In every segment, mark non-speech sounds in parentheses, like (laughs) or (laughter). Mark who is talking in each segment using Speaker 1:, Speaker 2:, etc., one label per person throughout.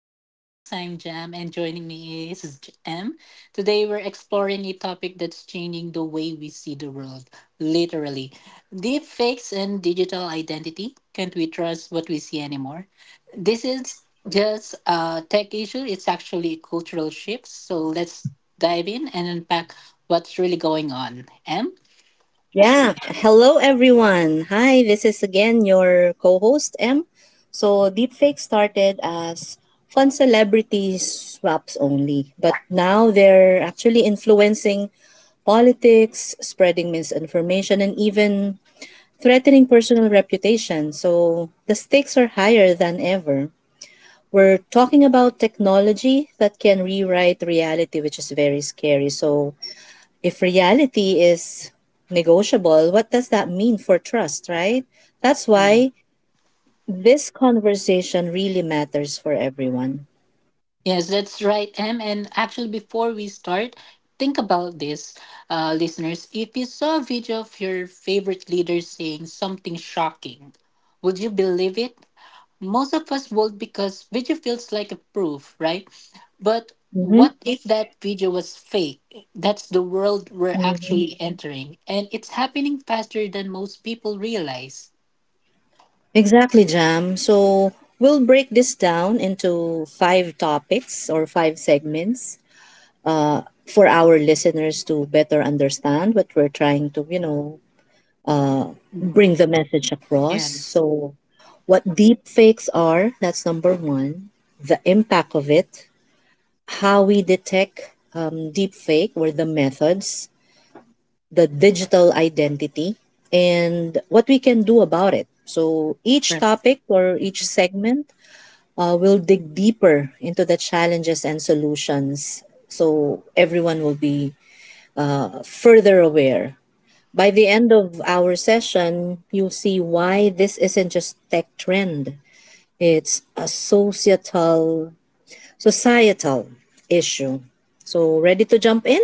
Speaker 1: Dialogues. I'm Jam and joining me is M. Today we're exploring a topic that's changing the way we see the world, literally. Deep fakes and digital identity. Can't we trust what we see anymore? This is just a tech issue, it's actually a cultural shift. So let's dive in and unpack what's really going on. M?
Speaker 2: Yeah. Hello, everyone. Hi, this is again your co host, M. So, deepfake started as fun celebrity swaps only, but now they're actually influencing politics, spreading misinformation, and even threatening personal reputation. So, the stakes are higher than ever. We're talking about technology that can rewrite reality, which is very scary. So, if reality is negotiable, what does that mean for trust, right? That's why this conversation really matters for everyone.
Speaker 1: Yes, that's right, Em. And actually, before we start, think about this, listeners. If you saw a video of your favorite leader saying something shocking, would you believe it? Most of us would because video feels like a proof, right? But
Speaker 2: Mm-hmm.
Speaker 1: what if that video was fake? That's the world we're
Speaker 2: Mm-hmm.
Speaker 1: actually entering, and it's happening faster than most people realize.
Speaker 2: Exactly, Jam. So we'll break this down into five topics or five segments for our listeners to better understand what we're trying to, you know, uh,
Speaker 1: Mhm.
Speaker 2: bring the message across.
Speaker 1: Yes,
Speaker 2: So, what deep fakes are, that's number one, the impact of it, how we detect deepfake or the methods, the digital identity, and what we can do about it. So each topic or each segment will dig deeper into the challenges and solutions so everyone will be further aware. By the end of our session, you'll see why this isn't just tech trend. It's a societal, societal issue. So ready to jump in?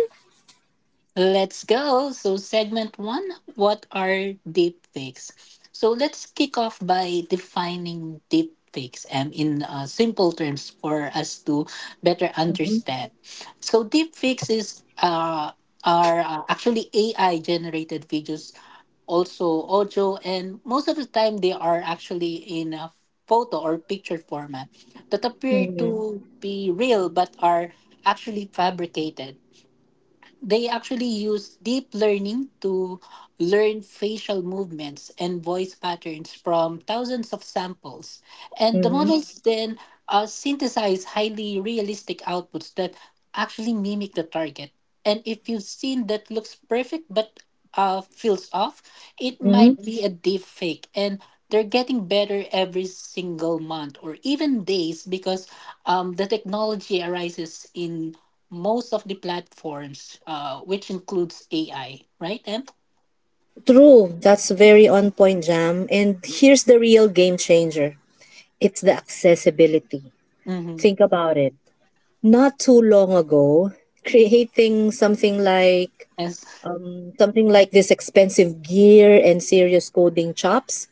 Speaker 1: let's go. So, segment one, what are deepfakes? So, let's kick off by defining deepfakes in simple terms for us to better
Speaker 2: Mhm,
Speaker 1: understand. So, deepfakes are actually AI generated videos, also audio, and most of the time they are actually in a photo or picture format that appear
Speaker 2: mhm,
Speaker 1: to be real but are actually fabricated. They actually use deep learning to learn facial movements and voice patterns from thousands of samples. And the
Speaker 2: mhm,
Speaker 1: models then synthesize highly realistic outputs that actually mimic the target. And if you've seen that looks perfect but feels off, it
Speaker 2: mhm.
Speaker 1: might be a deep fake. And they're getting better every single month or even days because the technology arises in most of the platforms, which includes AI, right, Em?
Speaker 2: True. That's very on point, Jam. And here's the real game changer. It's the accessibility.
Speaker 1: Mm-hmm.
Speaker 2: Think about it. Not too long ago, creating
Speaker 1: Yes,
Speaker 2: something like this expensive gear and serious coding chops.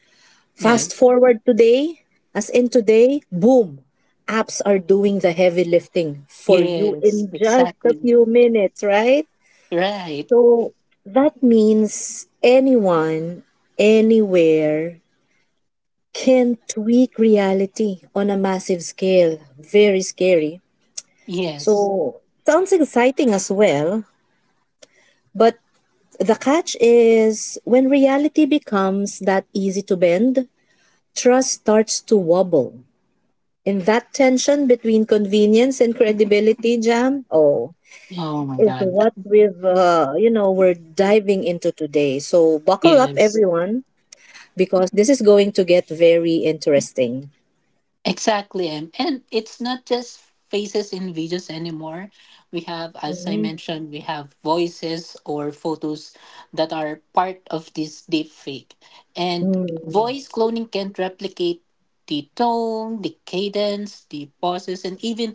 Speaker 2: Fast
Speaker 1: yes,
Speaker 2: forward today, as in today, boom, apps are doing the heavy lifting for you
Speaker 1: yes,
Speaker 2: in just
Speaker 1: exactly.
Speaker 2: a few minutes, right?
Speaker 1: Right.
Speaker 2: So that means anyone, anywhere can tweak reality on a massive scale. Very scary.
Speaker 1: Yes.
Speaker 2: So sounds exciting as well, but the catch is when reality becomes that easy to bend, trust starts to wobble. And that tension between convenience and credibility, Jam, oh,
Speaker 1: Oh my
Speaker 2: is
Speaker 1: God.
Speaker 2: what you know, we're diving into today. So buckle up,
Speaker 1: Yes.
Speaker 2: everyone, because this is going to get very interesting.
Speaker 1: Exactly, Em. And it's not just faces in videos anymore. We have, as I
Speaker 2: Mm-hmm.
Speaker 1: mentioned, we have voices or photos that are part of this deep fake. And
Speaker 2: Mm.
Speaker 1: voice cloning can replicate the tone, the cadence, the pauses, and even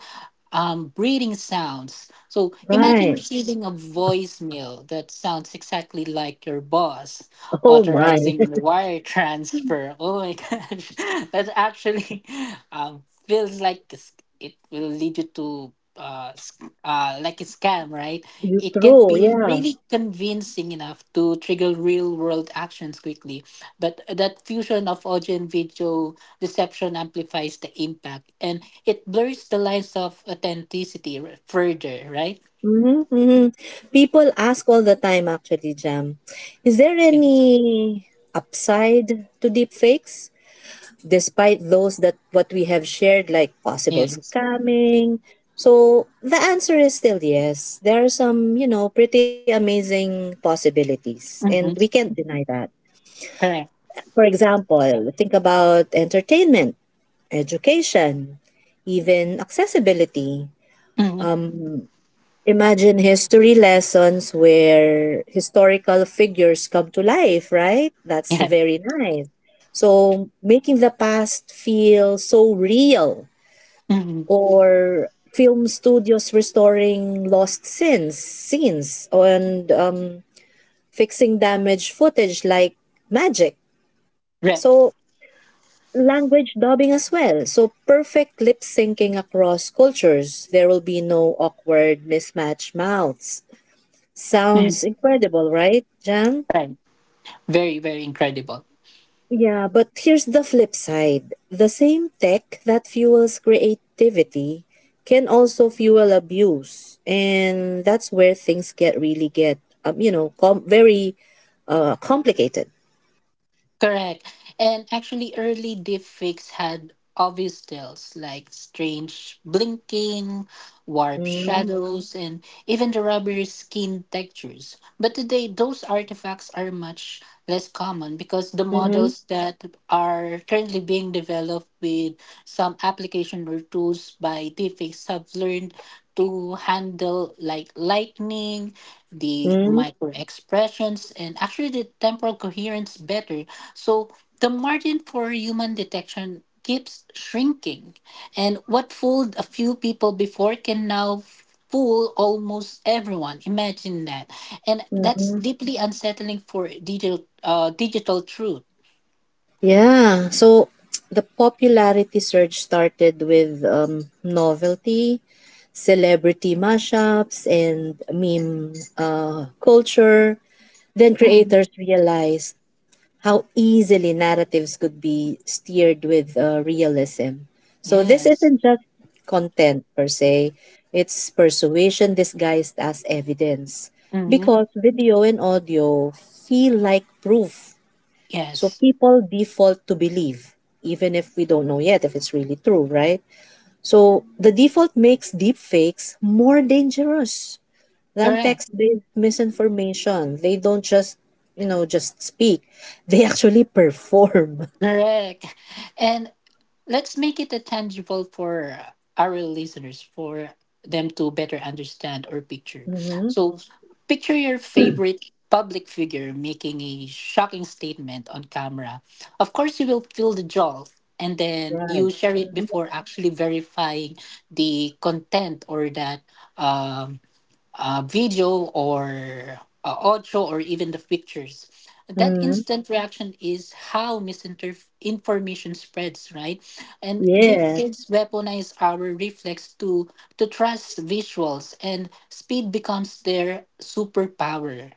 Speaker 1: breathing sounds. So imagine
Speaker 2: Right.
Speaker 1: receiving a voicemail that sounds exactly like your boss
Speaker 2: Oh my. (laughs)
Speaker 1: authorizing wire transfer. Oh my (laughs) gosh, that actually feels like a sc- it will lead you to like a scam, right?
Speaker 2: You
Speaker 1: It can
Speaker 2: true.
Speaker 1: be
Speaker 2: Yeah.
Speaker 1: really convincing enough to trigger real world actions quickly, but that fusion of audio and video deception amplifies the impact and it blurs the lines of authenticity further, right?
Speaker 2: Hmm, hmm. People ask all the time, actually, Jam, is there
Speaker 1: Yes.
Speaker 2: any upside to deepfakes? Despite those that what we have shared, like possible
Speaker 1: Yes.
Speaker 2: scamming. So the answer is still yes. There are some, you know, pretty amazing possibilities, and we
Speaker 1: Hmm.
Speaker 2: can't deny that.
Speaker 1: Correct.
Speaker 2: For example, think about entertainment, education, even accessibility.
Speaker 1: Hmm.
Speaker 2: Um, Imagine history lessons where historical figures come to life, right? That's
Speaker 1: Yeah.
Speaker 2: very nice. So, making the past feel so real,
Speaker 1: Hmm.
Speaker 2: or film studios restoring lost scenes, scenes, and fixing damaged footage like magic.
Speaker 1: Right.
Speaker 2: So, language dubbing as well. So perfect lip syncing across cultures. There will be no awkward mismatched mouths. Sounds
Speaker 1: Mm-hmm.
Speaker 2: incredible, right, Jam?
Speaker 1: Right. Very, very incredible.
Speaker 2: Yeah, but here's the flip side. The same tech that fuels creativity can also fuel abuse. And that's where things get really, you know, very complicated.
Speaker 1: Correct. And actually, early deepfakes had obvious tells like strange blinking, warped
Speaker 2: Mm-hmm.
Speaker 1: shadows, and even the rubbery skin textures. But today, those artifacts are much less common because the
Speaker 2: Mm-hmm.
Speaker 1: models that are currently being developed with some application or tools by deepfakes have learned to handle like lightning, the micro expressions, and actually the temporal coherence better, so the margin for human detection keeps shrinking, and what fooled a few people before can now fool almost everyone. Imagine that, and that's
Speaker 2: Mm-hmm.
Speaker 1: deeply unsettling for digital truth.
Speaker 2: Yeah, so the popularity surge started with novelty, celebrity mashups, and meme culture. Then
Speaker 1: Mhm.
Speaker 2: creators realized how easily narratives could be steered with realism. So this
Speaker 1: Yes.
Speaker 2: isn't just content per se, it's persuasion disguised as evidence
Speaker 1: Hmm.
Speaker 2: because video and audio feel like proof so
Speaker 1: Yes.
Speaker 2: people default to believe, even if we don't know yet if it's really true, right? So the default makes deepfakes more dangerous than
Speaker 1: Correct.
Speaker 2: text-based misinformation. They don't just, you know, just speak. They actually perform. (laughs)
Speaker 1: Correct. And let's make it a tangible for our listeners for them to better understand or picture.
Speaker 2: Mm-hmm.
Speaker 1: So picture your favorite public figure making a shocking statement on camera. Of course you will feel the jolt, and then you
Speaker 2: Right.
Speaker 1: share it before actually verifying the content or that um, video or audio or even the pictures. That
Speaker 2: Mm-hmm.
Speaker 1: instant reaction is how misinformation spreads, right? And
Speaker 2: Yeah.
Speaker 1: deepfakes weaponize our reflex to trust visuals, and speed becomes their superpower.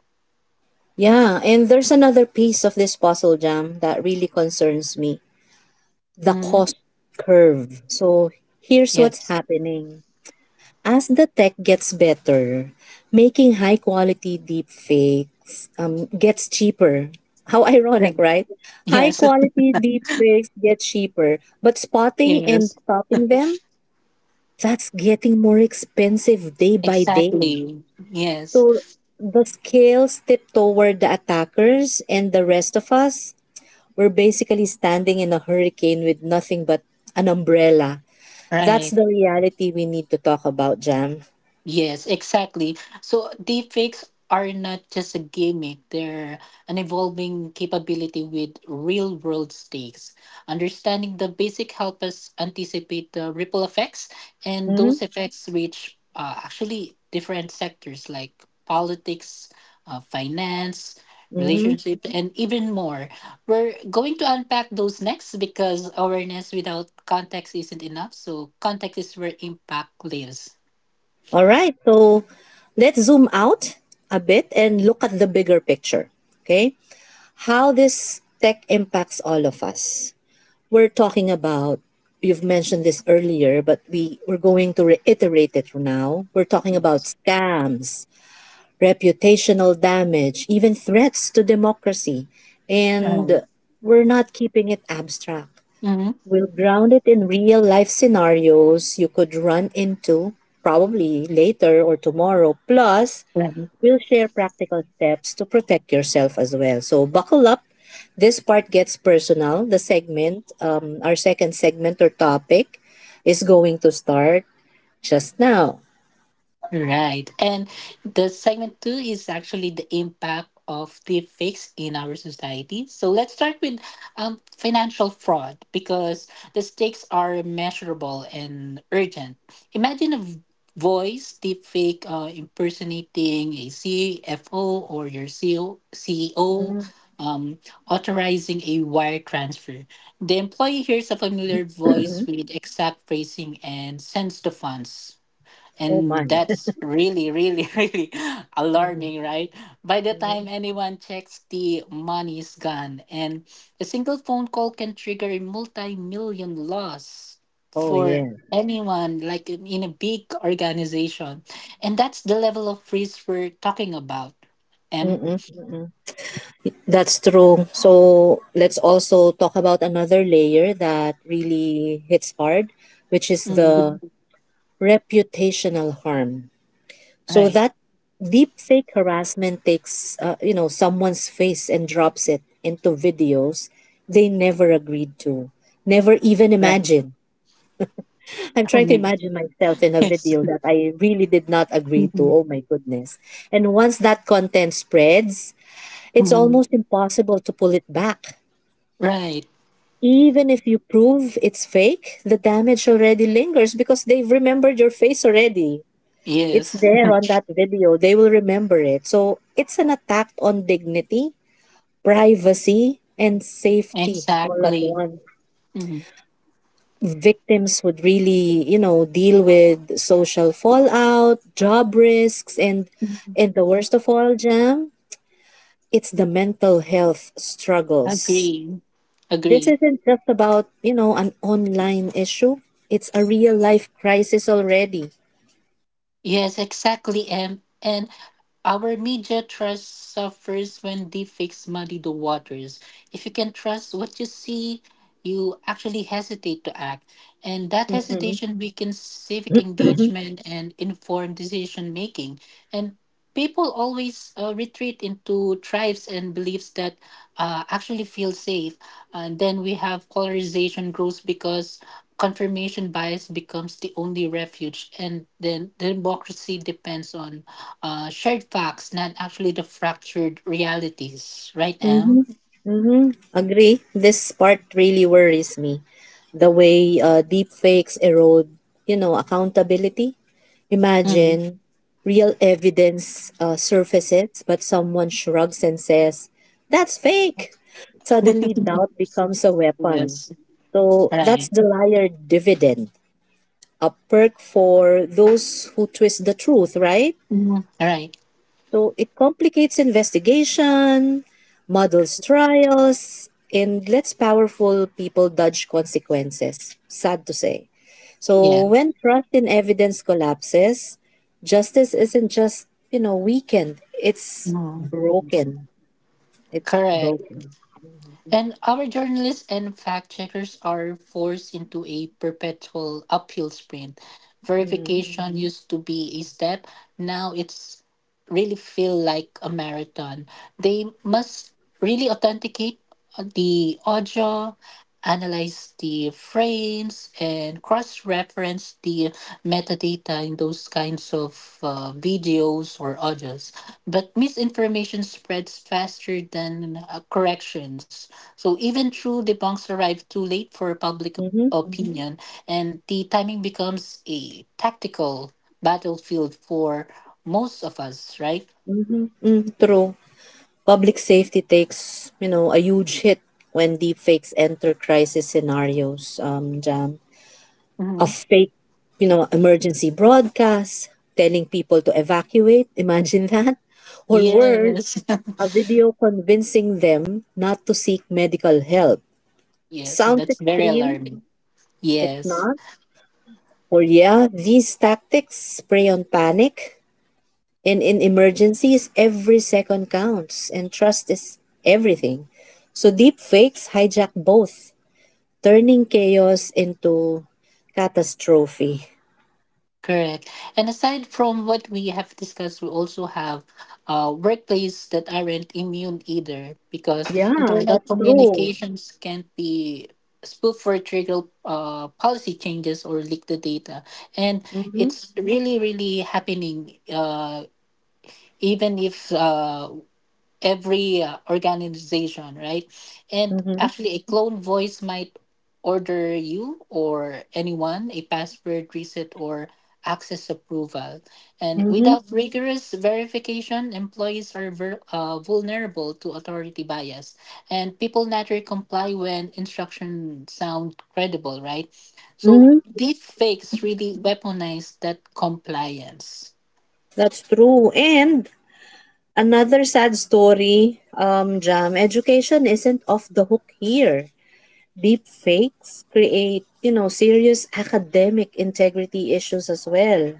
Speaker 2: Yeah. And there's another piece of this puzzle, Jam, that really concerns me. The
Speaker 1: Mhm.
Speaker 2: cost curve. So here's what's
Speaker 1: Yes.
Speaker 2: happening. As the tech gets better, making high quality deepfakes gets cheaper. (laughs) How ironic,
Speaker 1: Right.
Speaker 2: right? High
Speaker 1: Yes. (laughs)
Speaker 2: quality deepfakes get cheaper, but spotting and
Speaker 1: Yes.
Speaker 2: stopping them, that's getting more expensive day by day.
Speaker 1: Exactly. Yes.
Speaker 2: So the scales tip toward the attackers and the rest of us. We're basically standing in a hurricane with nothing but an umbrella. That's
Speaker 1: Right.
Speaker 2: the reality we need to talk about, Jam.
Speaker 1: Yes, exactly. So deepfakes are not just a gimmick, they're an evolving capability with real world stakes. Understanding the basic help us anticipate the ripple effects, and
Speaker 2: Mm-hmm.
Speaker 1: those effects reach actually different sectors like politics, finance,
Speaker 2: Mm-hmm.
Speaker 1: relationships, and even more. We're going to unpack those next because awareness without context isn't enough. So, context is where impact lives.
Speaker 2: All right, so let's zoom out a bit and look at the bigger picture. Okay, how this tech impacts all of us. We're talking about, you've mentioned this earlier, but we're going to reiterate it now. We're talking about scams, reputational damage, even threats to democracy. And
Speaker 1: Nice.
Speaker 2: we're not keeping it abstract.
Speaker 1: Mhm.
Speaker 2: We'll ground it in real life scenarios you could run into, probably later or tomorrow. Plus,
Speaker 1: Right.
Speaker 2: we'll share practical steps to protect yourself as well. So, buckle up. This part gets personal. The our second segment or topic, is going to start just now.
Speaker 1: Right. And the segment two is actually the impact of deepfakes in our society. So let's start with financial fraud because the stakes are measurable and urgent. Imagine a voice deepfake impersonating a CFO or your CEO, CEO
Speaker 2: Mhm.
Speaker 1: um, authorizing a wire transfer. The employee hears a familiar voice
Speaker 2: (clears throat)
Speaker 1: with exact phrasing and sends the funds.
Speaker 2: Oh, my.
Speaker 1: And
Speaker 2: (laughs)
Speaker 1: that's really, really, (laughs) really alarming,
Speaker 2: Mhm.
Speaker 1: right? By the time
Speaker 2: Mhm.
Speaker 1: anyone checks, the money is gone. And a single phone call can trigger a multi million loss
Speaker 2: Oh,
Speaker 1: for
Speaker 2: yeah.
Speaker 1: anyone, like in a big organization. And that's the level of risk we're talking about, M.
Speaker 2: Mm-mm. That's true. So let's also talk about another layer that really hits hard, which is the
Speaker 1: Mhm.
Speaker 2: reputational harm. So
Speaker 1: Right,
Speaker 2: that deep fake harassment takes, you know, someone's face and drops it into videos they never agreed to, never even
Speaker 1: right.
Speaker 2: imagined. I'm
Speaker 1: (laughs) I
Speaker 2: trying to
Speaker 1: mean,
Speaker 2: imagine myself in a
Speaker 1: yes.
Speaker 2: video that I really did not agree to.
Speaker 1: Mhm.
Speaker 2: Oh my goodness. And once that content spreads, it's
Speaker 1: Mhm.
Speaker 2: almost
Speaker 1: (laughs)
Speaker 2: impossible to pull it back.
Speaker 1: Right,
Speaker 2: Even if you prove it's fake, the damage already lingers because they've remembered your face already. It's
Speaker 1: yes,
Speaker 2: there on that video. They will remember it. So it's an attack on dignity, privacy, and safety all at
Speaker 1: exactly.
Speaker 2: once.
Speaker 1: Mhm.
Speaker 2: Victims would really, you know, deal with social fallout, job risks, and the worst of all, Jam, it's the mental health struggles.
Speaker 1: Agree.
Speaker 2: This
Speaker 1: Agree.
Speaker 2: isn't just about, you know, an online issue. It's a real life crisis already.
Speaker 1: Yes, exactly. And our media trust suffers when they muddy the waters. If you can trust what you see, you actually hesitate to act. And that
Speaker 2: Mm-hmm.
Speaker 1: hesitation weakens civic engagement and informed decision making. And people always retreat into tribes and beliefs that actually feel safe. And then we have polarization grows because confirmation bias becomes the only refuge. And then democracy depends on shared facts, not actually the fractured realities, right,
Speaker 2: Mm-hmm.
Speaker 1: Em?
Speaker 2: Mm-hmm. Agree. This part really worries me. The way deep fakes erode, you know, accountability.
Speaker 1: Mm.
Speaker 2: Imagine real evidence surfaces, but someone shrugs and says, that's fake. Suddenly,
Speaker 1: (laughs)
Speaker 2: doubt becomes a weapon.
Speaker 1: Yes,
Speaker 2: So that's
Speaker 1: right.
Speaker 2: the liar dividend, a perk for those who twist the truth, right?
Speaker 1: Mm. Right,
Speaker 2: So it complicates investigation, muddles trials, and lets powerful people dodge consequences. Sad to say. So
Speaker 1: yes.
Speaker 2: when trust in evidence collapses, justice isn't just, you know, weakened, it's
Speaker 1: Mm.
Speaker 2: broken. It's
Speaker 1: Correct.
Speaker 2: broken.
Speaker 1: And our journalists and fact checkers are forced into a perpetual uphill sprint.
Speaker 2: Mm-hmm.
Speaker 1: Verification, mhm, used to be a step, now it's really feel like a marathon. They must really authenticate the audio, analyze the frames, and cross reference the metadata in those kinds of videos or audios. But misinformation spreads faster than corrections, so even true debunks arrive too late for public
Speaker 2: Mm-hmm.
Speaker 1: opinion, and the timing becomes a tactical battlefield for most of us, right?
Speaker 2: Mm-hmm. Mm, true. Public safety takes, you know, a huge hit when deepfakes enter crisis scenarios. Jam, a
Speaker 1: Hmm.
Speaker 2: fake, you know, emergency broadcast telling people to evacuate. (laughs) Imagine that, or worse,
Speaker 1: Yes.
Speaker 2: a video convincing them not to seek medical help.
Speaker 1: (laughs) Yes, and
Speaker 2: Sounds
Speaker 1: that's very
Speaker 2: extreme.
Speaker 1: alarming.
Speaker 2: It's
Speaker 1: Yes.
Speaker 2: not. Or yeah, these tactics prey on panic. And in emergencies, every second counts, and trust is everything. So deep fakes hijack both, turning chaos into catastrophe.
Speaker 1: Correct. And aside from what we have discussed, we also have workplace that aren't immune either because
Speaker 2: Yeah,
Speaker 1: internal
Speaker 2: that's true.
Speaker 1: communications can be spoofed for trigger policy changes or leak the data. And
Speaker 2: Mm-hmm,
Speaker 1: it's really, really happening. Even if every organization, right? And
Speaker 2: mm-hmm,
Speaker 1: actually, a clone voice might order you or anyone a password reset or access approval. And
Speaker 2: mm-hmm,
Speaker 1: without rigorous verification, employees are vulnerable to authority bias. And people naturally comply when instructions sound credible, right? So
Speaker 2: mm-hmm.
Speaker 1: deep fakes really weaponize that compliance.
Speaker 2: That's true. And another sad story, Jam, education isn't off the hook here. Deep fakes create, you know, serious academic integrity issues as well.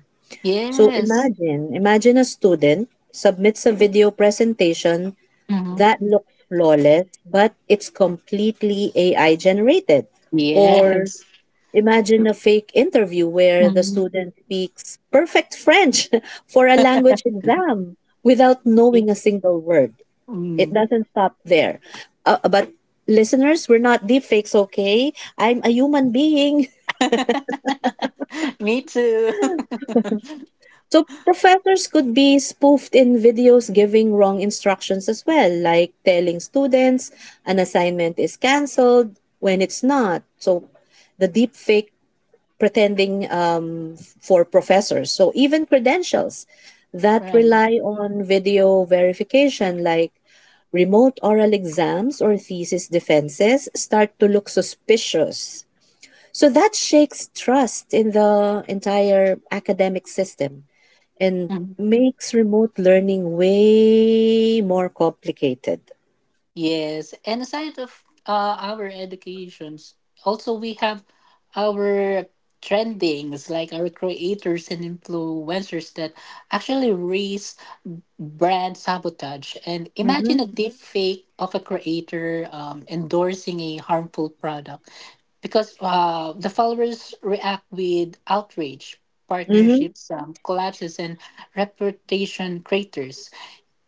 Speaker 2: So
Speaker 1: Yes.
Speaker 2: imagine a student submits a video presentation
Speaker 1: Mhm.
Speaker 2: that looks flawless, but it's completely AI generated. Or
Speaker 1: Yes.
Speaker 2: imagine a fake interview where the
Speaker 1: Mm-hmm.
Speaker 2: student speaks perfect French (laughs) for a language exam without knowing a
Speaker 1: Yes.
Speaker 2: single word. It
Speaker 1: Mm.
Speaker 2: doesn't stop there. But listeners, we're not deepfakes, okay? I'm a human being.
Speaker 1: (laughs) Me too. (laughs)
Speaker 2: So professors could be spoofed in videos giving wrong instructions as well, like telling students an assignment is cancelled when it's not. So the deep fake pretending for professors. So even credentials that
Speaker 1: Right.
Speaker 2: rely on video verification, like remote oral exams or thesis defenses, start to look suspicious so that shakes trust in the entire academic system and
Speaker 1: Mhm.
Speaker 2: makes remote learning way more complicated.
Speaker 1: Yes. And aside of our educations, also we have our trendings, like our creators and influencers that actually raise brand sabotage. And imagine a
Speaker 2: Mm-hmm.
Speaker 1: deep fake of a creator endorsing a harmful product because the followers react with outrage,
Speaker 2: Mm-hmm.
Speaker 1: partnerships, collapses, and reputation craters,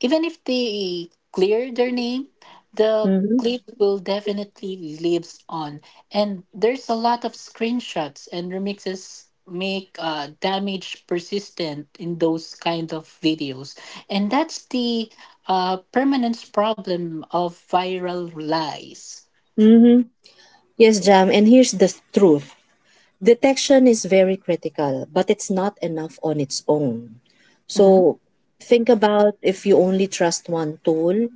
Speaker 1: even if they clear their name, the
Speaker 2: Mm-hmm.
Speaker 1: clip will definitely lives on. And there's a lot of screenshots and remixes make damage persistent in those kind of videos. And that's the permanence problem of viral lies.
Speaker 2: Mm-hmm. Yes, Jam. And here's the truth. Detection is very critical, but it's not enough on its own.
Speaker 1: Hmm.
Speaker 2: So think about if you only trust one tool,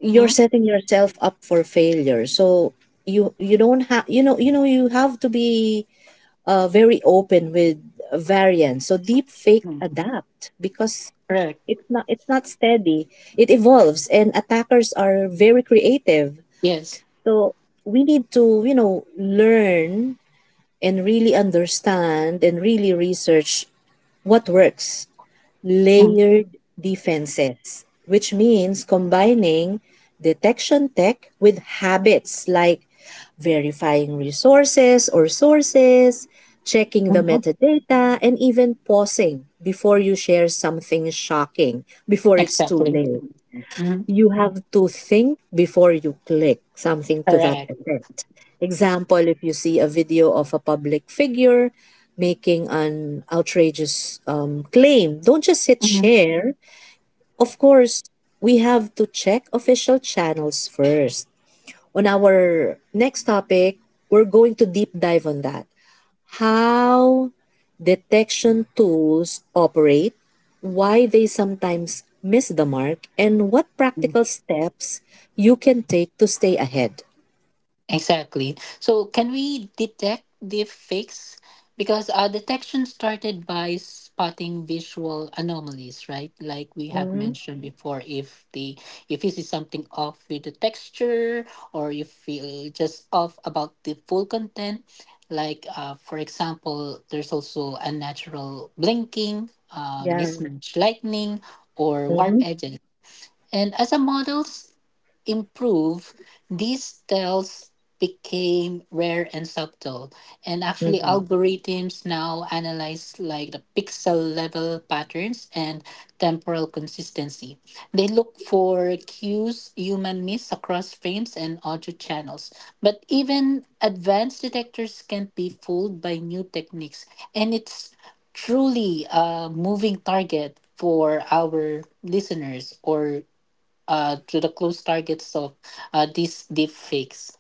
Speaker 1: Hmm.
Speaker 2: setting yourself up for failure. So you don't have you know you have to be very open with variants. So deep fake adapt because
Speaker 1: Correct.
Speaker 2: it's not steady. It evolves and attackers are very creative.
Speaker 1: Yes.
Speaker 2: So we need to, you know, learn and really understand and really research what works
Speaker 1: Mm-hmm.
Speaker 2: layered defenses, which means combining detection tech with habits like verifying resources or sources, checking the
Speaker 1: Mm-hmm.
Speaker 2: metadata, and even pausing before you share something shocking before it's too
Speaker 1: Exactly.
Speaker 2: late.
Speaker 1: Mhm.
Speaker 2: You have to think before you click something to that
Speaker 1: Correct.
Speaker 2: effect. Example, if you see a video of a public figure making an outrageous claim, don't just hit
Speaker 1: Mhm.
Speaker 2: share. Of course, we have to check official channels first. On our next topic, we're going to deep dive on that how detection tools operate, why they sometimes miss the mark, and what practical steps you can take to stay ahead.
Speaker 1: Exactly. So, can we detect deep fakes? Because our detection started by spotting visual anomalies, right? Like we have
Speaker 2: Mm-hmm.
Speaker 1: mentioned before, if you see something off with the texture, or you feel just off about the full content, like for example, there's also unnatural blinking,
Speaker 2: Yeah.
Speaker 1: mismatch lightning, or warp
Speaker 2: Mm-hmm.
Speaker 1: edges. And as a models, improve, these tells became rare and subtle. And actually,
Speaker 2: Mm-hmm.
Speaker 1: algorithms now analyze like the pixel level patterns and temporal consistency. They look for cues human miss across frames and audio channels. But even advanced detectors can't be fooled by new techniques. And it's truly a moving target for our listeners or to the close targets of these deep fakes.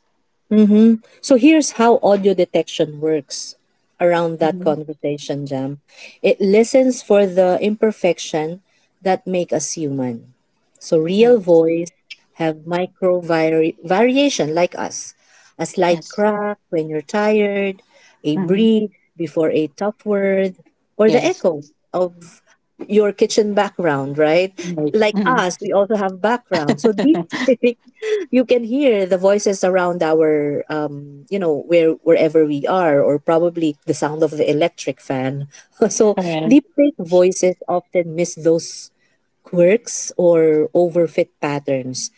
Speaker 2: Hmm. So here's how audio detection works around that
Speaker 1: Mhm.
Speaker 2: conversation, Jam. It listens for the imperfection that make us human. So real
Speaker 1: Right.
Speaker 2: voice have variation like us. A slight
Speaker 1: Yes.
Speaker 2: crack when you're tired, a
Speaker 1: Mhm.
Speaker 2: breathe before a tough word, or the
Speaker 1: Yes.
Speaker 2: echo of your kitchen background, right?
Speaker 1: Right.
Speaker 2: Like
Speaker 1: Mhm.
Speaker 2: us, we also have background. So deep
Speaker 1: (laughs)
Speaker 2: (laughs) you can hear the voices around our you know where wherever we are or probably the sound of the electric fan (laughs) so
Speaker 1: Right.
Speaker 2: deep fake voices often miss those quirks or overfit patterns,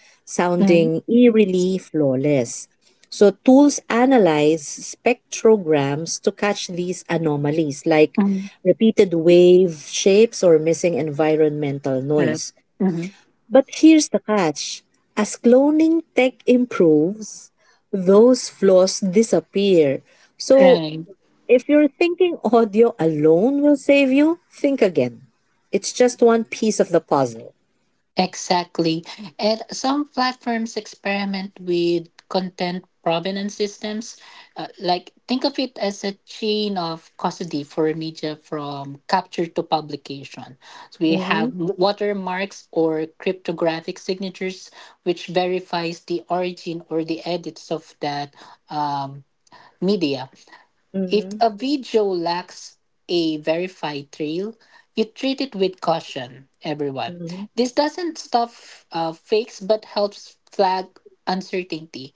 Speaker 1: Mhm.
Speaker 2: sounding eerily flawless. So, tools analyze spectrograms to catch these anomalies, like
Speaker 1: Mhm.
Speaker 2: repeated wave shapes or missing environmental
Speaker 1: Correct.
Speaker 2: noise.
Speaker 1: Mhm.
Speaker 2: But here's the catch, as cloning tech improves, those flaws disappear. So
Speaker 1: Right.
Speaker 2: if you're thinking audio alone will save you, think again. It's just one piece of the puzzle.
Speaker 1: Exactly. And some platforms experiment with content provenance systems. Like, think of it as a chain of custody for media from capture to publication. So we have
Speaker 2: Mm-hmm.
Speaker 1: watermarks or cryptographic signatures, which verifies the origin or the edits of that um, media. If
Speaker 2: Mm-hmm.
Speaker 1: a video lacks a verified trail, you treat it with caution, everyone.
Speaker 2: Mm-hmm.
Speaker 1: This doesn't stop fakes but helps flag uncertainty.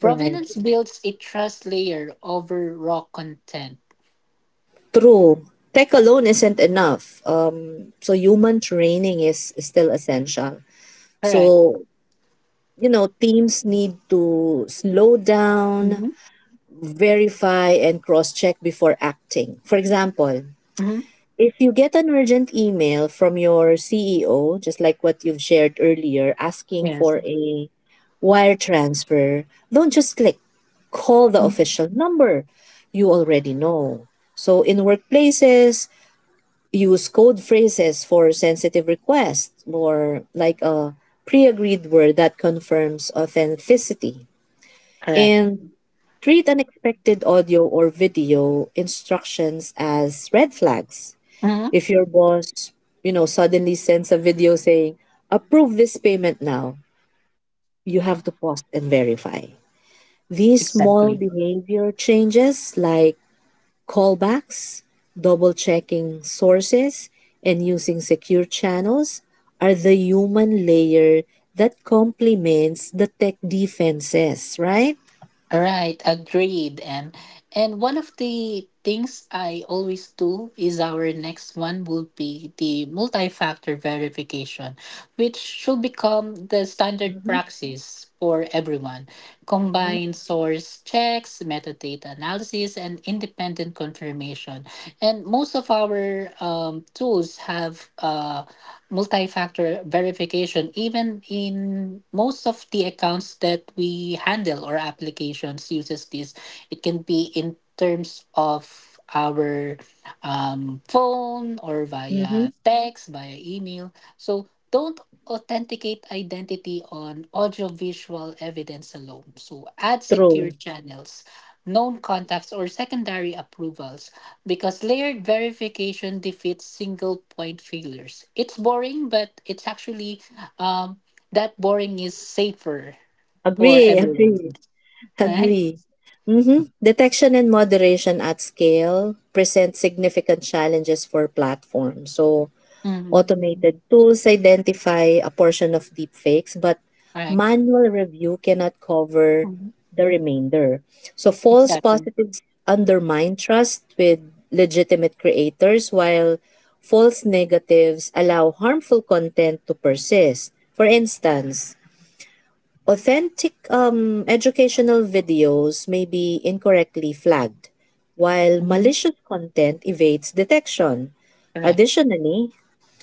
Speaker 2: Right.
Speaker 1: builds a trust layer over raw content.
Speaker 2: True. Tech alone isn't enough. So human training is still essential. So,
Speaker 1: Correct.
Speaker 2: you know, teams need to slow down,
Speaker 1: Mm-hmm.
Speaker 2: verify, and cross check before acting. For example,
Speaker 1: Mm-hmm.
Speaker 2: if you get an urgent email from your CEO, just like what you've shared earlier, asking
Speaker 1: Yes.
Speaker 2: for a wire transfer, don't just click. Call the official
Speaker 1: Mhm.
Speaker 2: number you already know. So, in workplaces, use code phrases for sensitive requests, or like a pre agreed word that confirms authenticity.
Speaker 1: Correct.
Speaker 2: And treat unexpected audio or video instructions as red flags.
Speaker 1: Mm-hmm.
Speaker 2: If your boss, suddenly sends a video saying, approve this payment now, you have to pause and verify. These small
Speaker 1: Exactly.
Speaker 2: behavior changes, like callbacks, double checking sources, and using secure channels, are the human layer that complements the tech defenses, right?
Speaker 1: Right, agreed. And one of the things I always do is our next one will be the multi-factor verification, which should become the standard
Speaker 2: Mm-hmm,
Speaker 1: practice for everyone. Combine
Speaker 2: mm-hmm,
Speaker 1: source checks, metadata analysis, and independent confirmation. And most of our tools have multi-factor verification even in most of the accounts that we handle or applications uses this. It can be in terms of our phone or
Speaker 2: mm-hmm.
Speaker 1: via text via email, so don't authenticate identity on audiovisual evidence alone, so add secure
Speaker 2: True.
Speaker 1: channels, known contacts or secondary approvals, because layered verification defeats single point failures. It's boring, but it's actually um, that boring is safer for
Speaker 2: Agree, agree.
Speaker 1: everyone, right?
Speaker 2: Agree. Mhm. Detection and moderation at scale present significant challenges for platforms. So
Speaker 1: Mm-hmm.
Speaker 2: automated tools identify a portion of deepfakes, but
Speaker 1: All right.
Speaker 2: manual review cannot cover
Speaker 1: Mhm.
Speaker 2: the remainder. So false
Speaker 1: Exactly.
Speaker 2: positives undermine trust with legitimate creators, while false negatives allow harmful content to persist. For instance, authentic educational videos may be incorrectly flagged, while
Speaker 1: Hmm.
Speaker 2: malicious content evades detection.
Speaker 1: Correct.
Speaker 2: Additionally,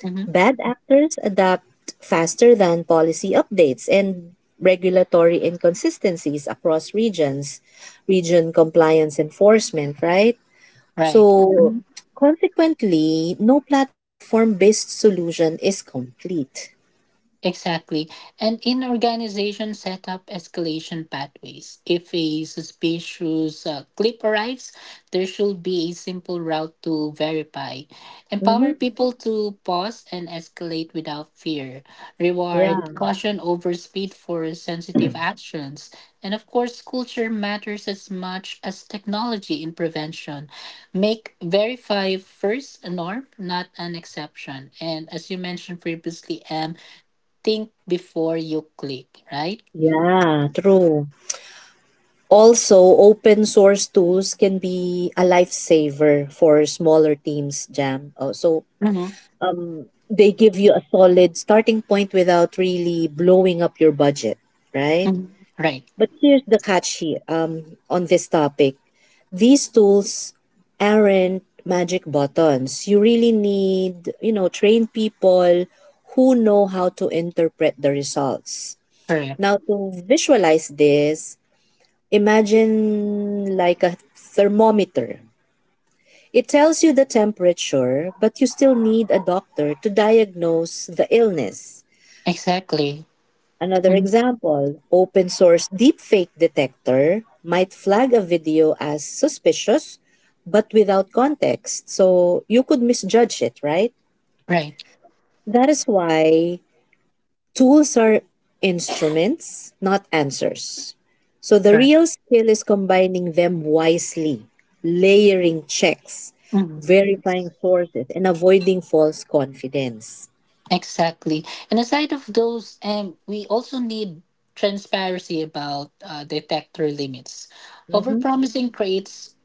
Speaker 1: Hmm.
Speaker 2: bad actors adapt faster than policy updates, and regulatory inconsistencies across regions, region compliance enforcement, right?
Speaker 1: Right.
Speaker 2: So
Speaker 1: Mm-hmm.
Speaker 2: consequently, no platform based solution is complete.
Speaker 1: Exactly. And in organization, set up escalation pathways. If a suspicious clip arrives, there should be a simple route to verify. Empower
Speaker 2: Hmm.
Speaker 1: people to pause and escalate without fear.
Speaker 2: Yeah,
Speaker 1: Reward caution over speed for sensitive actions. And of course, culture matters as much as technology in prevention. Make verify first a norm, not an exception. And as you mentioned previously, M, think before you click, right?
Speaker 2: yeah, true. Also, open source tools can be a lifesaver for smaller teams, Jam. Oh, so
Speaker 1: Mm-hmm.
Speaker 2: they give you a solid starting point without really blowing up your budget, right?
Speaker 1: Right.
Speaker 2: But here's the catch here, on this topic. These tools aren't magic buttons. You really need, trained people who know how to interpret the results.
Speaker 1: Correct.
Speaker 2: Now, to visualize this, imagine like a thermometer. It tells you the temperature, but you still need a doctor to diagnose the illness.
Speaker 1: Exactly.
Speaker 2: Another
Speaker 1: Mhm.
Speaker 2: example, open source deepfake detector might flag a video as suspicious but without context. So you could misjudge it, right?
Speaker 1: Right.
Speaker 2: That is why tools are instruments, not answers. So the
Speaker 1: Correct.
Speaker 2: real skill is combining them wisely, layering checks,
Speaker 1: Mhm.
Speaker 2: verifying sources, and avoiding false confidence.
Speaker 1: Exactly. And aside of those, we also need transparency about detector limits.
Speaker 2: Mm-hmm.
Speaker 1: Overpromising creates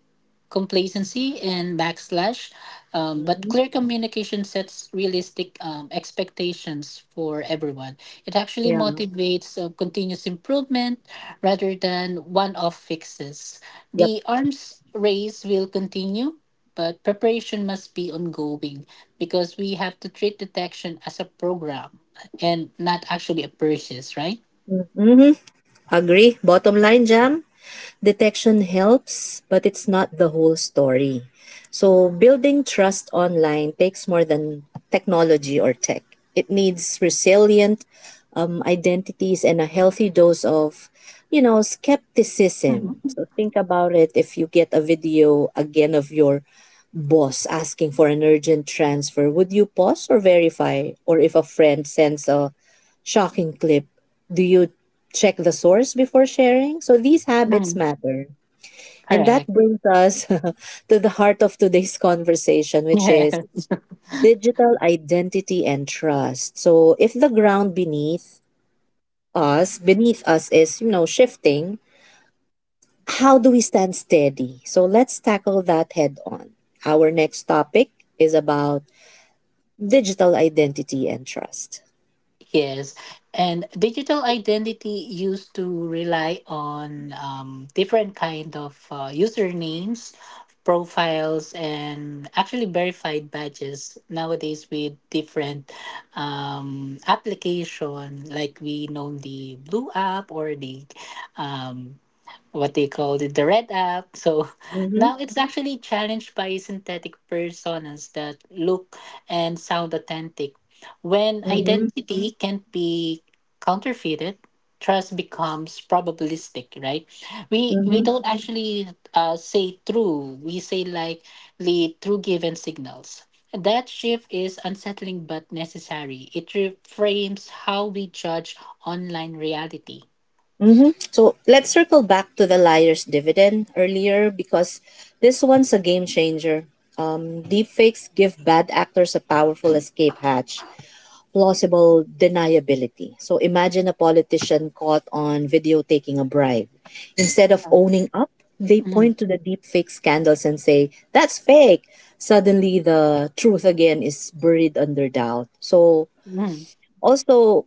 Speaker 1: complacency and backslash. But
Speaker 2: Mm-hmm.
Speaker 1: clear communication sets realistic expectations for everyone. It actually
Speaker 2: Yeah.
Speaker 1: motivates continuous improvement rather than one off fixes.
Speaker 2: Yep.
Speaker 1: The arms race will continue, but preparation must be ongoing because we have to treat detection as a program and not actually a purchase, right?
Speaker 2: Mm-hmm. Agree. Bottom line, Jam. Detection helps, but it's not the whole story. So building trust online takes more than technology or tech. It needs resilient identities and a healthy dose of, skepticism.
Speaker 1: Mhm.
Speaker 2: So think about it. If you get a video again of your boss asking for an urgent transfer, would you pause or verify? Or if a friend sends a shocking clip, do you check the source before sharing? So these habits
Speaker 1: Mm.
Speaker 2: matter. And that
Speaker 1: Correct.
Speaker 2: brings us (laughs) to the heart of today's conversation,
Speaker 1: (laughs)
Speaker 2: which
Speaker 1: Yeah.
Speaker 2: is digital identity and trust. So if the ground beneath us is, shifting, how do we stand steady? So let's tackle that head on. Our next topic is about digital identity and trust.
Speaker 1: Yes, and digital identity used to rely on different kind of usernames, profiles, and actually verified badges. Nowadays, with different application, like we know the Blue app or the um, what they called it, the red app. So (laughs)
Speaker 2: Mhm.
Speaker 1: now it's actually challenged by synthetic personas that look and sound authentic. When
Speaker 2: Mhm.
Speaker 1: identity can be counterfeited, trust becomes probabilistic, right? We
Speaker 2: Mhm.
Speaker 1: don't actually say true. We say likely true given signals. That shift is unsettling but necessary. It reframes how we judge online reality.
Speaker 2: Mm-hmm. So let's circle back to the liar's dividend earlier, because this one's a game changer. Deepfakes give bad actors a powerful escape hatch, plausible deniability. So imagine a politician caught on video taking a bribe. Instead of
Speaker 1: Um,
Speaker 2: owning up, they
Speaker 1: Mhm.
Speaker 2: point to the deepfake scandals and say, that's fake. Suddenly, the truth again is buried under doubt. So
Speaker 1: Mhm.
Speaker 2: also,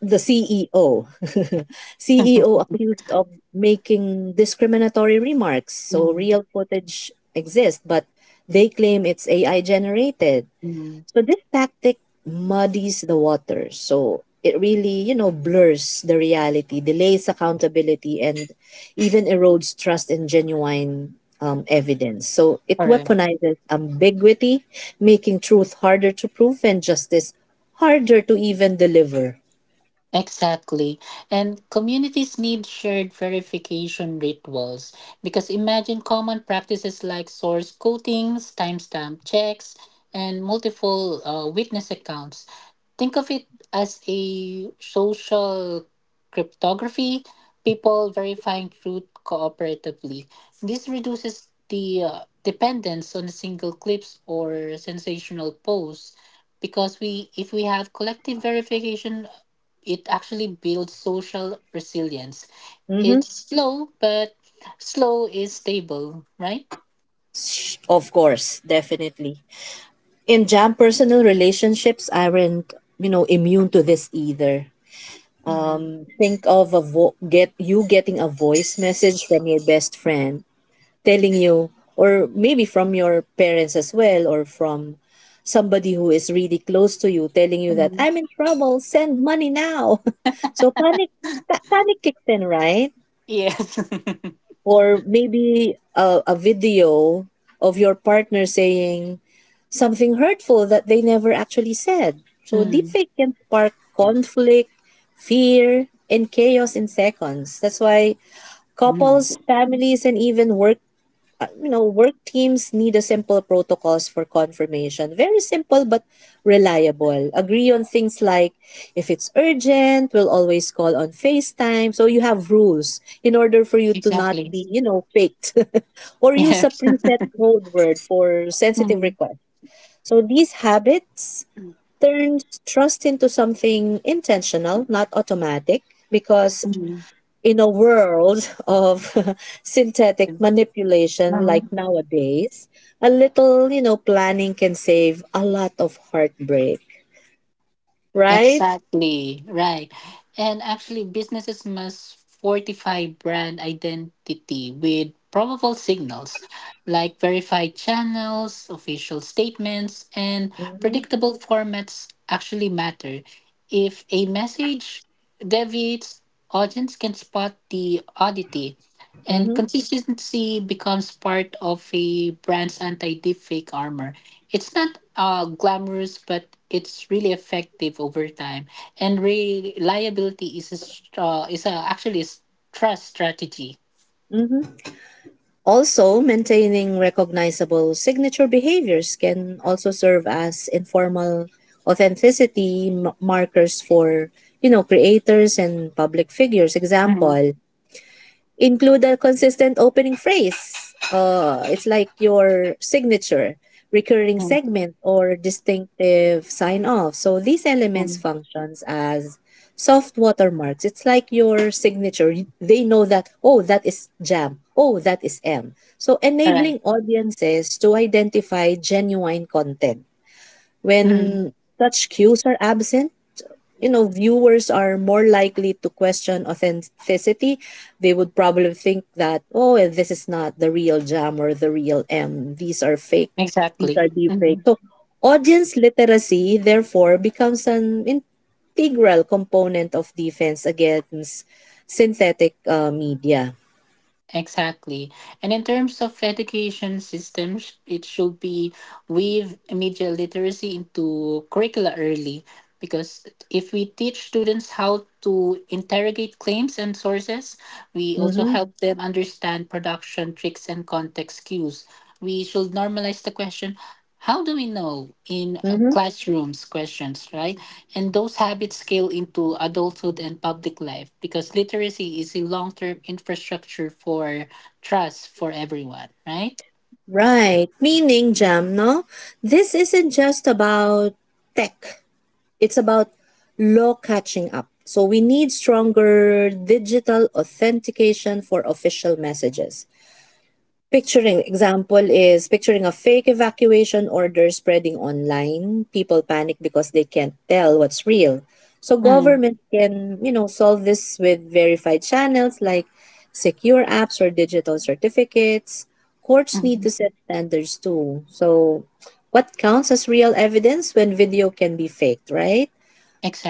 Speaker 2: the CEO,
Speaker 1: (laughs)
Speaker 2: CEO (laughs) accused of making discriminatory remarks. So
Speaker 1: Mhm,
Speaker 2: real footage exists, but they claim it's AI generated.
Speaker 1: mhm.
Speaker 2: So this tactic muddies the water. So it really, blurs the reality, delays accountability, and even erodes trust in genuine evidence. So it weaponizes ambiguity, making truth harder to prove and justice harder to even deliver.
Speaker 1: Exactly. And communities need shared verification rituals because imagine common practices like source quotings, timestamp checks, and multiple witness accounts. Think of it as a social cryptography, people verifying truth cooperatively. This reduces the dependence on single clips or sensational posts because we if we have collective verification it actually builds social resilience.
Speaker 2: Mm-hmm.
Speaker 1: It's slow, but slow is stable, right?
Speaker 2: Of course, definitely. In jam, personal relationships aren't, immune to this either.
Speaker 1: Mm.
Speaker 2: Think of get you getting a voice message from your best friend telling you, or maybe from your parents as well, or from somebody who is really close to you telling you that
Speaker 1: Mm.
Speaker 2: I'm in trouble, send money now (laughs) so panic, panic kicks in, right?
Speaker 1: Yes. (laughs)
Speaker 2: Or maybe a video of your partner saying something hurtful that they never actually said. So
Speaker 1: Mm.
Speaker 2: deepfake can spark conflict, fear, and chaos in seconds. That's why
Speaker 1: Mm.
Speaker 2: couples, families, and even work work teams need a simple protocols for confirmation. Very simple but reliable. Agree on things like, if it's urgent, we'll always call on FaceTime. So you have rules in order for you to not
Speaker 1: Exactly.
Speaker 2: be, faked (laughs) or use a
Speaker 1: Yes. (laughs)
Speaker 2: preset code word for sensitive
Speaker 1: Mm.
Speaker 2: requests. So these habits turn trust into something intentional, not automatic, because
Speaker 1: Mm.
Speaker 2: in a world of (laughs) synthetic manipulation like
Speaker 1: Mm.
Speaker 2: nowadays, a little, planning can save a lot of heartbreak, right?
Speaker 1: Exactly, right. And actually, businesses must fortify brand identity with probable signals like verified channels, official statements, and predictable formats actually matter. If a message deviates, audience can spot the oddity and
Speaker 2: Hmm.
Speaker 1: consistency becomes part of a brand's anti-deepfake armor. It's not glamorous, but it's really effective over time. And reliability is a, str- is a, actually a s- trust strategy.
Speaker 2: Hmm. Also, maintaining recognizable signature behaviors can also serve as informal authenticity markers for, creators and public figures.
Speaker 1: Mm-hmm.
Speaker 2: Example, include a consistent opening phrase. It's like your signature, recurring segment, or distinctive sign off. So these elements
Speaker 1: Mm-hmm.
Speaker 2: functions as soft watermarks. It's like your signature. They know that, oh, that is Jam. Oh, that is M. So
Speaker 1: Correct.
Speaker 2: enabling audiences to identify genuine content. When
Speaker 1: Mhm.
Speaker 2: such cues are absent, you know viewers are more likely to question authenticity. They would probably think that, oh, this is not the real jam or the real m, these are fake, these
Speaker 1: Exactly.
Speaker 2: are deep fake.
Speaker 1: Mhm.
Speaker 2: So audience literacy therefore becomes an integral component of defense against synthetic media.
Speaker 1: Exactly. And in terms of education systems, it should be weave media literacy into curricula early because if we teach students how to interrogate claims and sources, we also
Speaker 2: Mm-hmm,
Speaker 1: help them understand production tricks and context cues. We should normalize the question, how do we know in
Speaker 2: mm-hmm.
Speaker 1: classrooms questions, right? And those habits scale into adulthood and public life because literacy is a long-term infrastructure for trust for everyone, right?
Speaker 2: Right. Meaning, Jam, no, this isn't just about tech. It's about law catching up. So we need stronger digital authentication for official messages. Picturing example is picturing a fake evacuation order spreading online. People panic because they can't tell what's real. So
Speaker 1: Mm,
Speaker 2: government can, solve this with verified channels like secure apps or digital certificates. Courts need
Speaker 1: mhm.
Speaker 2: to set standards too. So what counts as real evidence when video can be faked, right?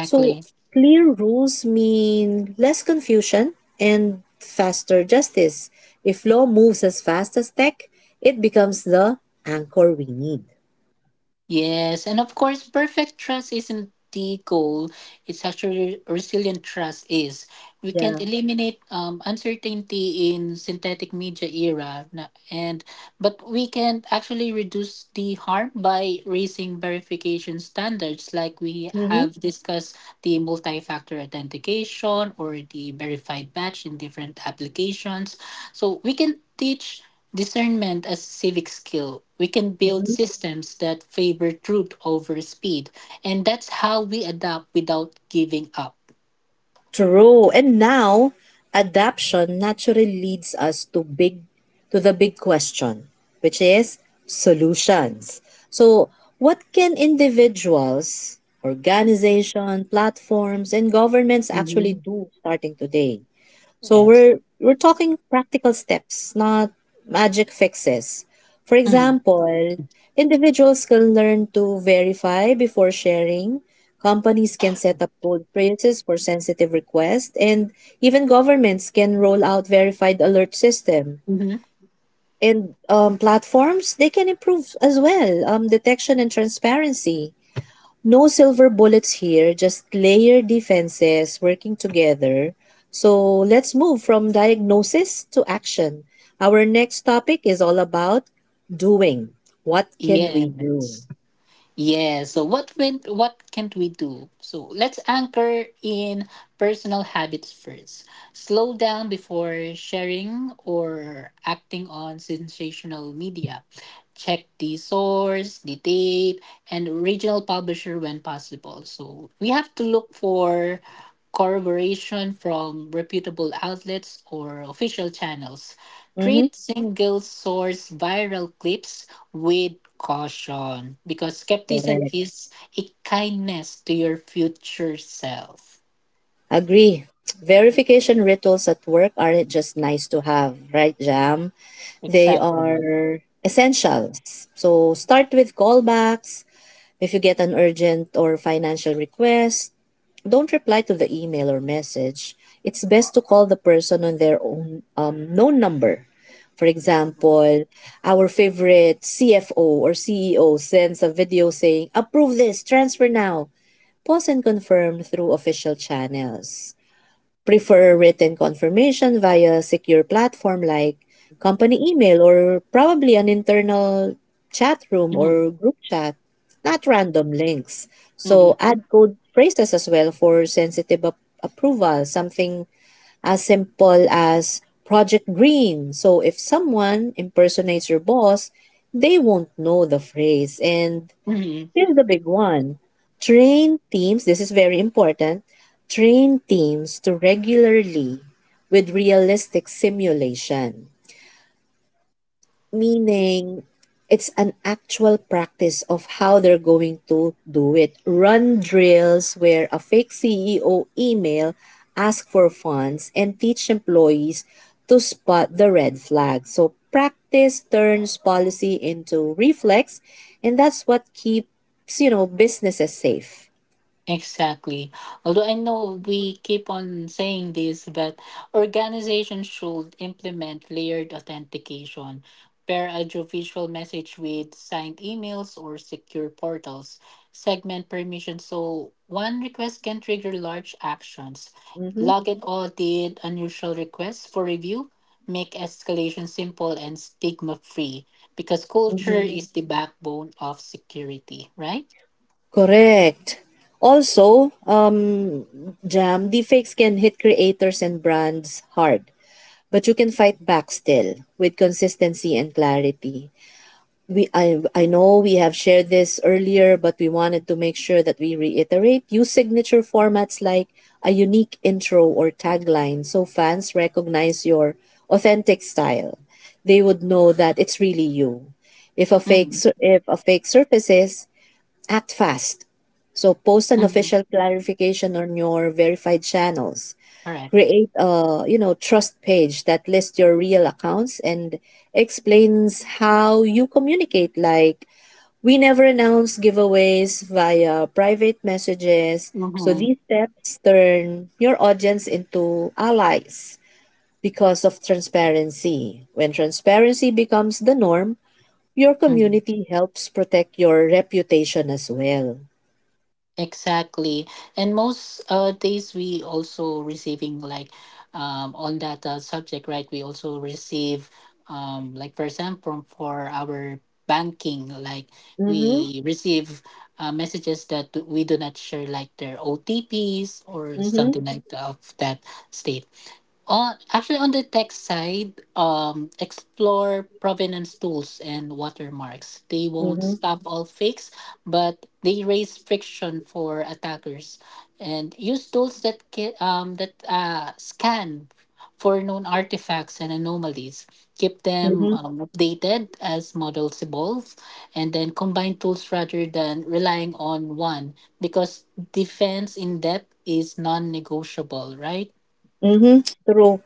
Speaker 2: So clear rules mean less confusion and faster justice. If law moves as fast as tech, it becomes the anchor we need.
Speaker 1: Yes, and of course, perfect trust isn't the goal. It's actually resilient trust is. We can't
Speaker 2: Yeah.
Speaker 1: eliminate uncertainty in synthetic media era, and but we can actually reduce the harm by raising verification standards, like we
Speaker 2: Mm-hmm.
Speaker 1: have discussed the multi-factor authentication or the verified batch in different applications. So we can teach discernment as a civic skill. We can build systems that favor truth over speed. And that's how we adapt without giving up.
Speaker 2: True. And now, adaption naturally leads us to big to the big question, which is solutions. So what can individuals, organization, platforms, and governments actually
Speaker 1: Hmm.
Speaker 2: do starting today? So
Speaker 1: Yes.
Speaker 2: we're talking practical steps, not magic fixes. For
Speaker 1: Hmm.
Speaker 2: example, individuals can learn to verify before sharing. Companies can set up gold phrases for sensitive requests, and even governments can roll out verified alert system.
Speaker 1: Hmm.
Speaker 2: And platforms, they can improve as well detection and transparency. No silver bullets here, just layered defenses working together. So let's move from diagnosis to action. Our next topic is all about doing. What can we do?
Speaker 1: Yes. Yeah, so what went? What can't we do? So let's anchor in personal habits first. Slow down before sharing or acting on sensational media. Check the source, the date, and original publisher when possible. So we have to look for corroboration from reputable outlets or official channels,
Speaker 2: Mm-hmm.
Speaker 1: treat single source viral clips with caution because skepticism
Speaker 2: Correct.
Speaker 1: is a kindness to your future self.
Speaker 2: Agree. Verification rituals at work aren't just nice to have, right, Jam? They
Speaker 1: Exactly.
Speaker 2: are essentials. So start with callbacks. If you get an urgent or financial request, don't reply to the email or message. It's best to call the person on their own known number. For example, our favorite CFO or CEO sends a video saying, approve this, transfer now. Pause and confirm through official channels, prefer written confirmation via secure platform like company email or probably an internal chat room
Speaker 1: Mhm,
Speaker 2: or group chat, not random links. So
Speaker 1: mhm,
Speaker 2: add code phrases as well for sensitive approval, something as simple as Project Green. So if someone impersonates your boss, they won't know the phrase. And
Speaker 1: mhm.
Speaker 2: this is the big one. Train teams, this is very important, train teams to regularly with realistic simulation. Meaning, it's an actual practice of how they're going to do it. Run drills where a fake CEO email, ask for funds, and teach employees to spot the red flag. So practice turns policy into reflex, and that's what keeps, businesses safe.
Speaker 1: Exactly. Although I know we keep on saying this, but organizations should implement layered authentication. Pair audiovisual message with signed emails or secure portals. Segment permission so one request can trigger large actions.
Speaker 2: Mm-hmm.
Speaker 1: Login audit unusual requests for review. Make escalation simple and stigma free because culture
Speaker 2: Mm-hmm.
Speaker 1: is the backbone of security, right?
Speaker 2: Correct. Also, Jam, deepfakes can hit creators and brands hard, but you can fight back still with consistency and clarity. We I know we have shared this earlier, but we wanted to make sure that we reiterate, use signature formats like a unique intro or tagline so fans recognize your authentic style. They would know that it's really you.
Speaker 1: Mm-hmm.
Speaker 2: If a fake surfaces, act fast. So post an official clarification on your verified channels, create a, trust page that lists your real accounts and explains how you communicate, like, we never announce giveaways via private messages. So
Speaker 1: Mm-hmm.
Speaker 2: these steps turn your audience into allies, because of transparency. When transparency becomes the norm, your
Speaker 1: Hmm.
Speaker 2: community helps protect your reputation as well.
Speaker 1: Exactly. And most days we also receiving like on that subject, right? We also receive like for example for our banking, like
Speaker 2: Mhm.
Speaker 1: we receive messages that we do not share like their OTPs or
Speaker 2: Mhm.
Speaker 1: something like of that state. Actually, on the tech side, explore provenance tools and watermarks. They won't
Speaker 2: Mhm.
Speaker 1: stop all fakes, but they raise friction for attackers. And use tools that scan for known artifacts and anomalies. Keep them
Speaker 2: Mhm.
Speaker 1: updated as models evolve, and then combine tools rather than relying on one because defense in depth is non-negotiable, right?
Speaker 2: Mm-hmm, true.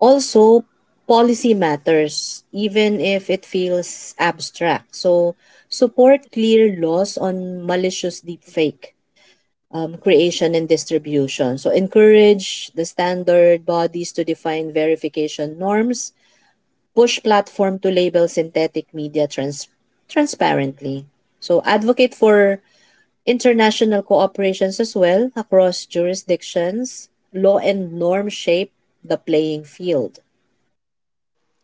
Speaker 2: Also, policy matters, even if it feels abstract. So support clear laws on malicious deepfake creation and distribution. So encourage the standard bodies to define verification norms, push platform to label synthetic media transparently. So advocate for international cooperations as well across jurisdictions, law and norm shape the playing field.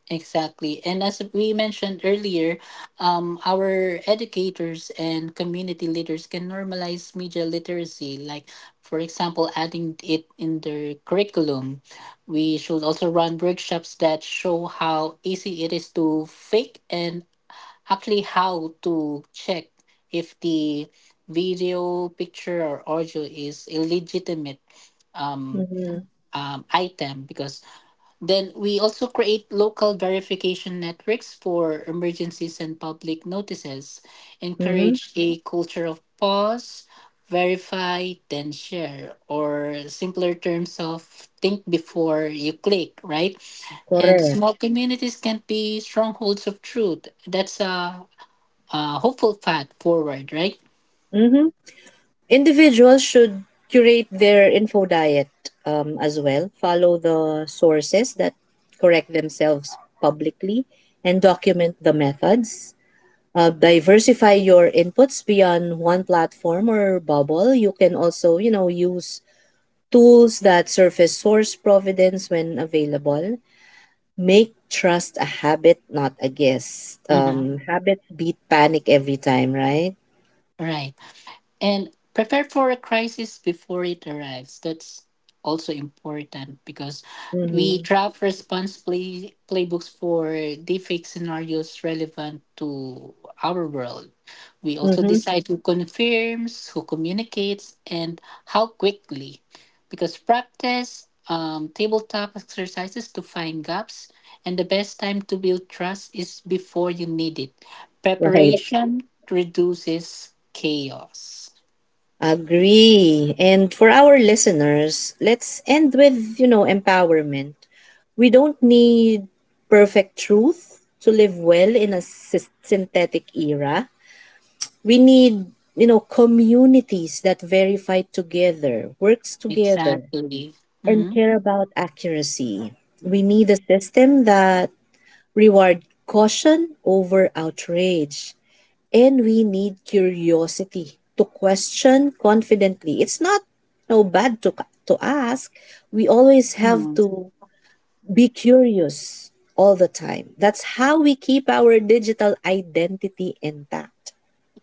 Speaker 1: Exactly. And as we mentioned earlier, our educators and community leaders can normalize media literacy, like, for example, adding it in their curriculum. We should also run workshops that show how easy it is to fake and actually how to check if the video, picture, or audio is a legitimate um,
Speaker 2: Mm-hmm.
Speaker 1: item because then we also create local verification networks for emergencies and public notices.
Speaker 2: Mm-hmm.
Speaker 1: Encourage a culture of pause, verify, then share, or simpler terms of think before you click, right? And
Speaker 2: Correct.
Speaker 1: small communities can be strongholds of truth. That's a hopeful path forward, right?
Speaker 2: Hmm. Individuals should curate their info diet as well, follow the sources that correct themselves publicly, and document the methods. Diversify your inputs beyond one platform or bubble. You can also, use tools that surface source providence when available. Make trust a habit, not a guess.
Speaker 1: Mhm.
Speaker 2: Habits beat panic every time, right?
Speaker 1: Right. And prepare for a crisis before it arrives, that's also important because
Speaker 2: Mm-hmm.
Speaker 1: we draft response playbooks for different scenarios relevant to our world. We also
Speaker 2: Mm-hmm.
Speaker 1: decide who confirms, who communicates, and how quickly because practice tabletop exercises to find gaps, and the best time to build trust is before you need it.
Speaker 2: Right.
Speaker 1: Preparation reduces chaos.
Speaker 2: Agree. And for our listeners, let's end with, empowerment. We don't need perfect truth to live well in a synthetic era. We need, communities that verify together, works together,
Speaker 1: Exactly.
Speaker 2: and
Speaker 1: Mm-hmm.
Speaker 2: care about accuracy. We need a system that reward caution over outrage, and we need curiosity to question confidently. It's not no bad to ask. We always have to be curious all the time. That's how we keep our digital identity intact.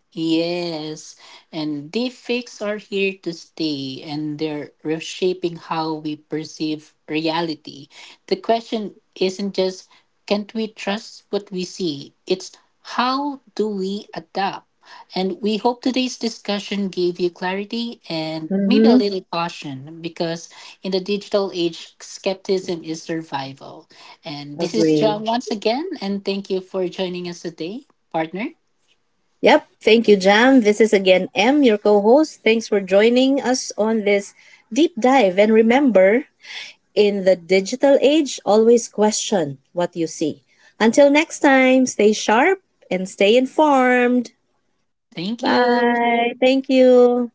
Speaker 1: Yes, and deepfakes are here to stay and they're reshaping how we perceive reality. The question isn't just can't we trust what we see? It's how do we adapt? And we hope today's discussion gave you clarity and maybe a
Speaker 2: Mm-hmm.
Speaker 1: little caution because in the digital age, skepticism is survival. And this is John
Speaker 2: Agree.
Speaker 1: once again, and thank you for joining us today, partner.
Speaker 2: Yep. Thank you, Jam. This is again M, your co host. Thanks for joining us on this deep dive. And remember, in the digital age, always question what you see. Until next time, stay sharp and stay informed.
Speaker 1: Thank you.
Speaker 2: Bye. Thank you.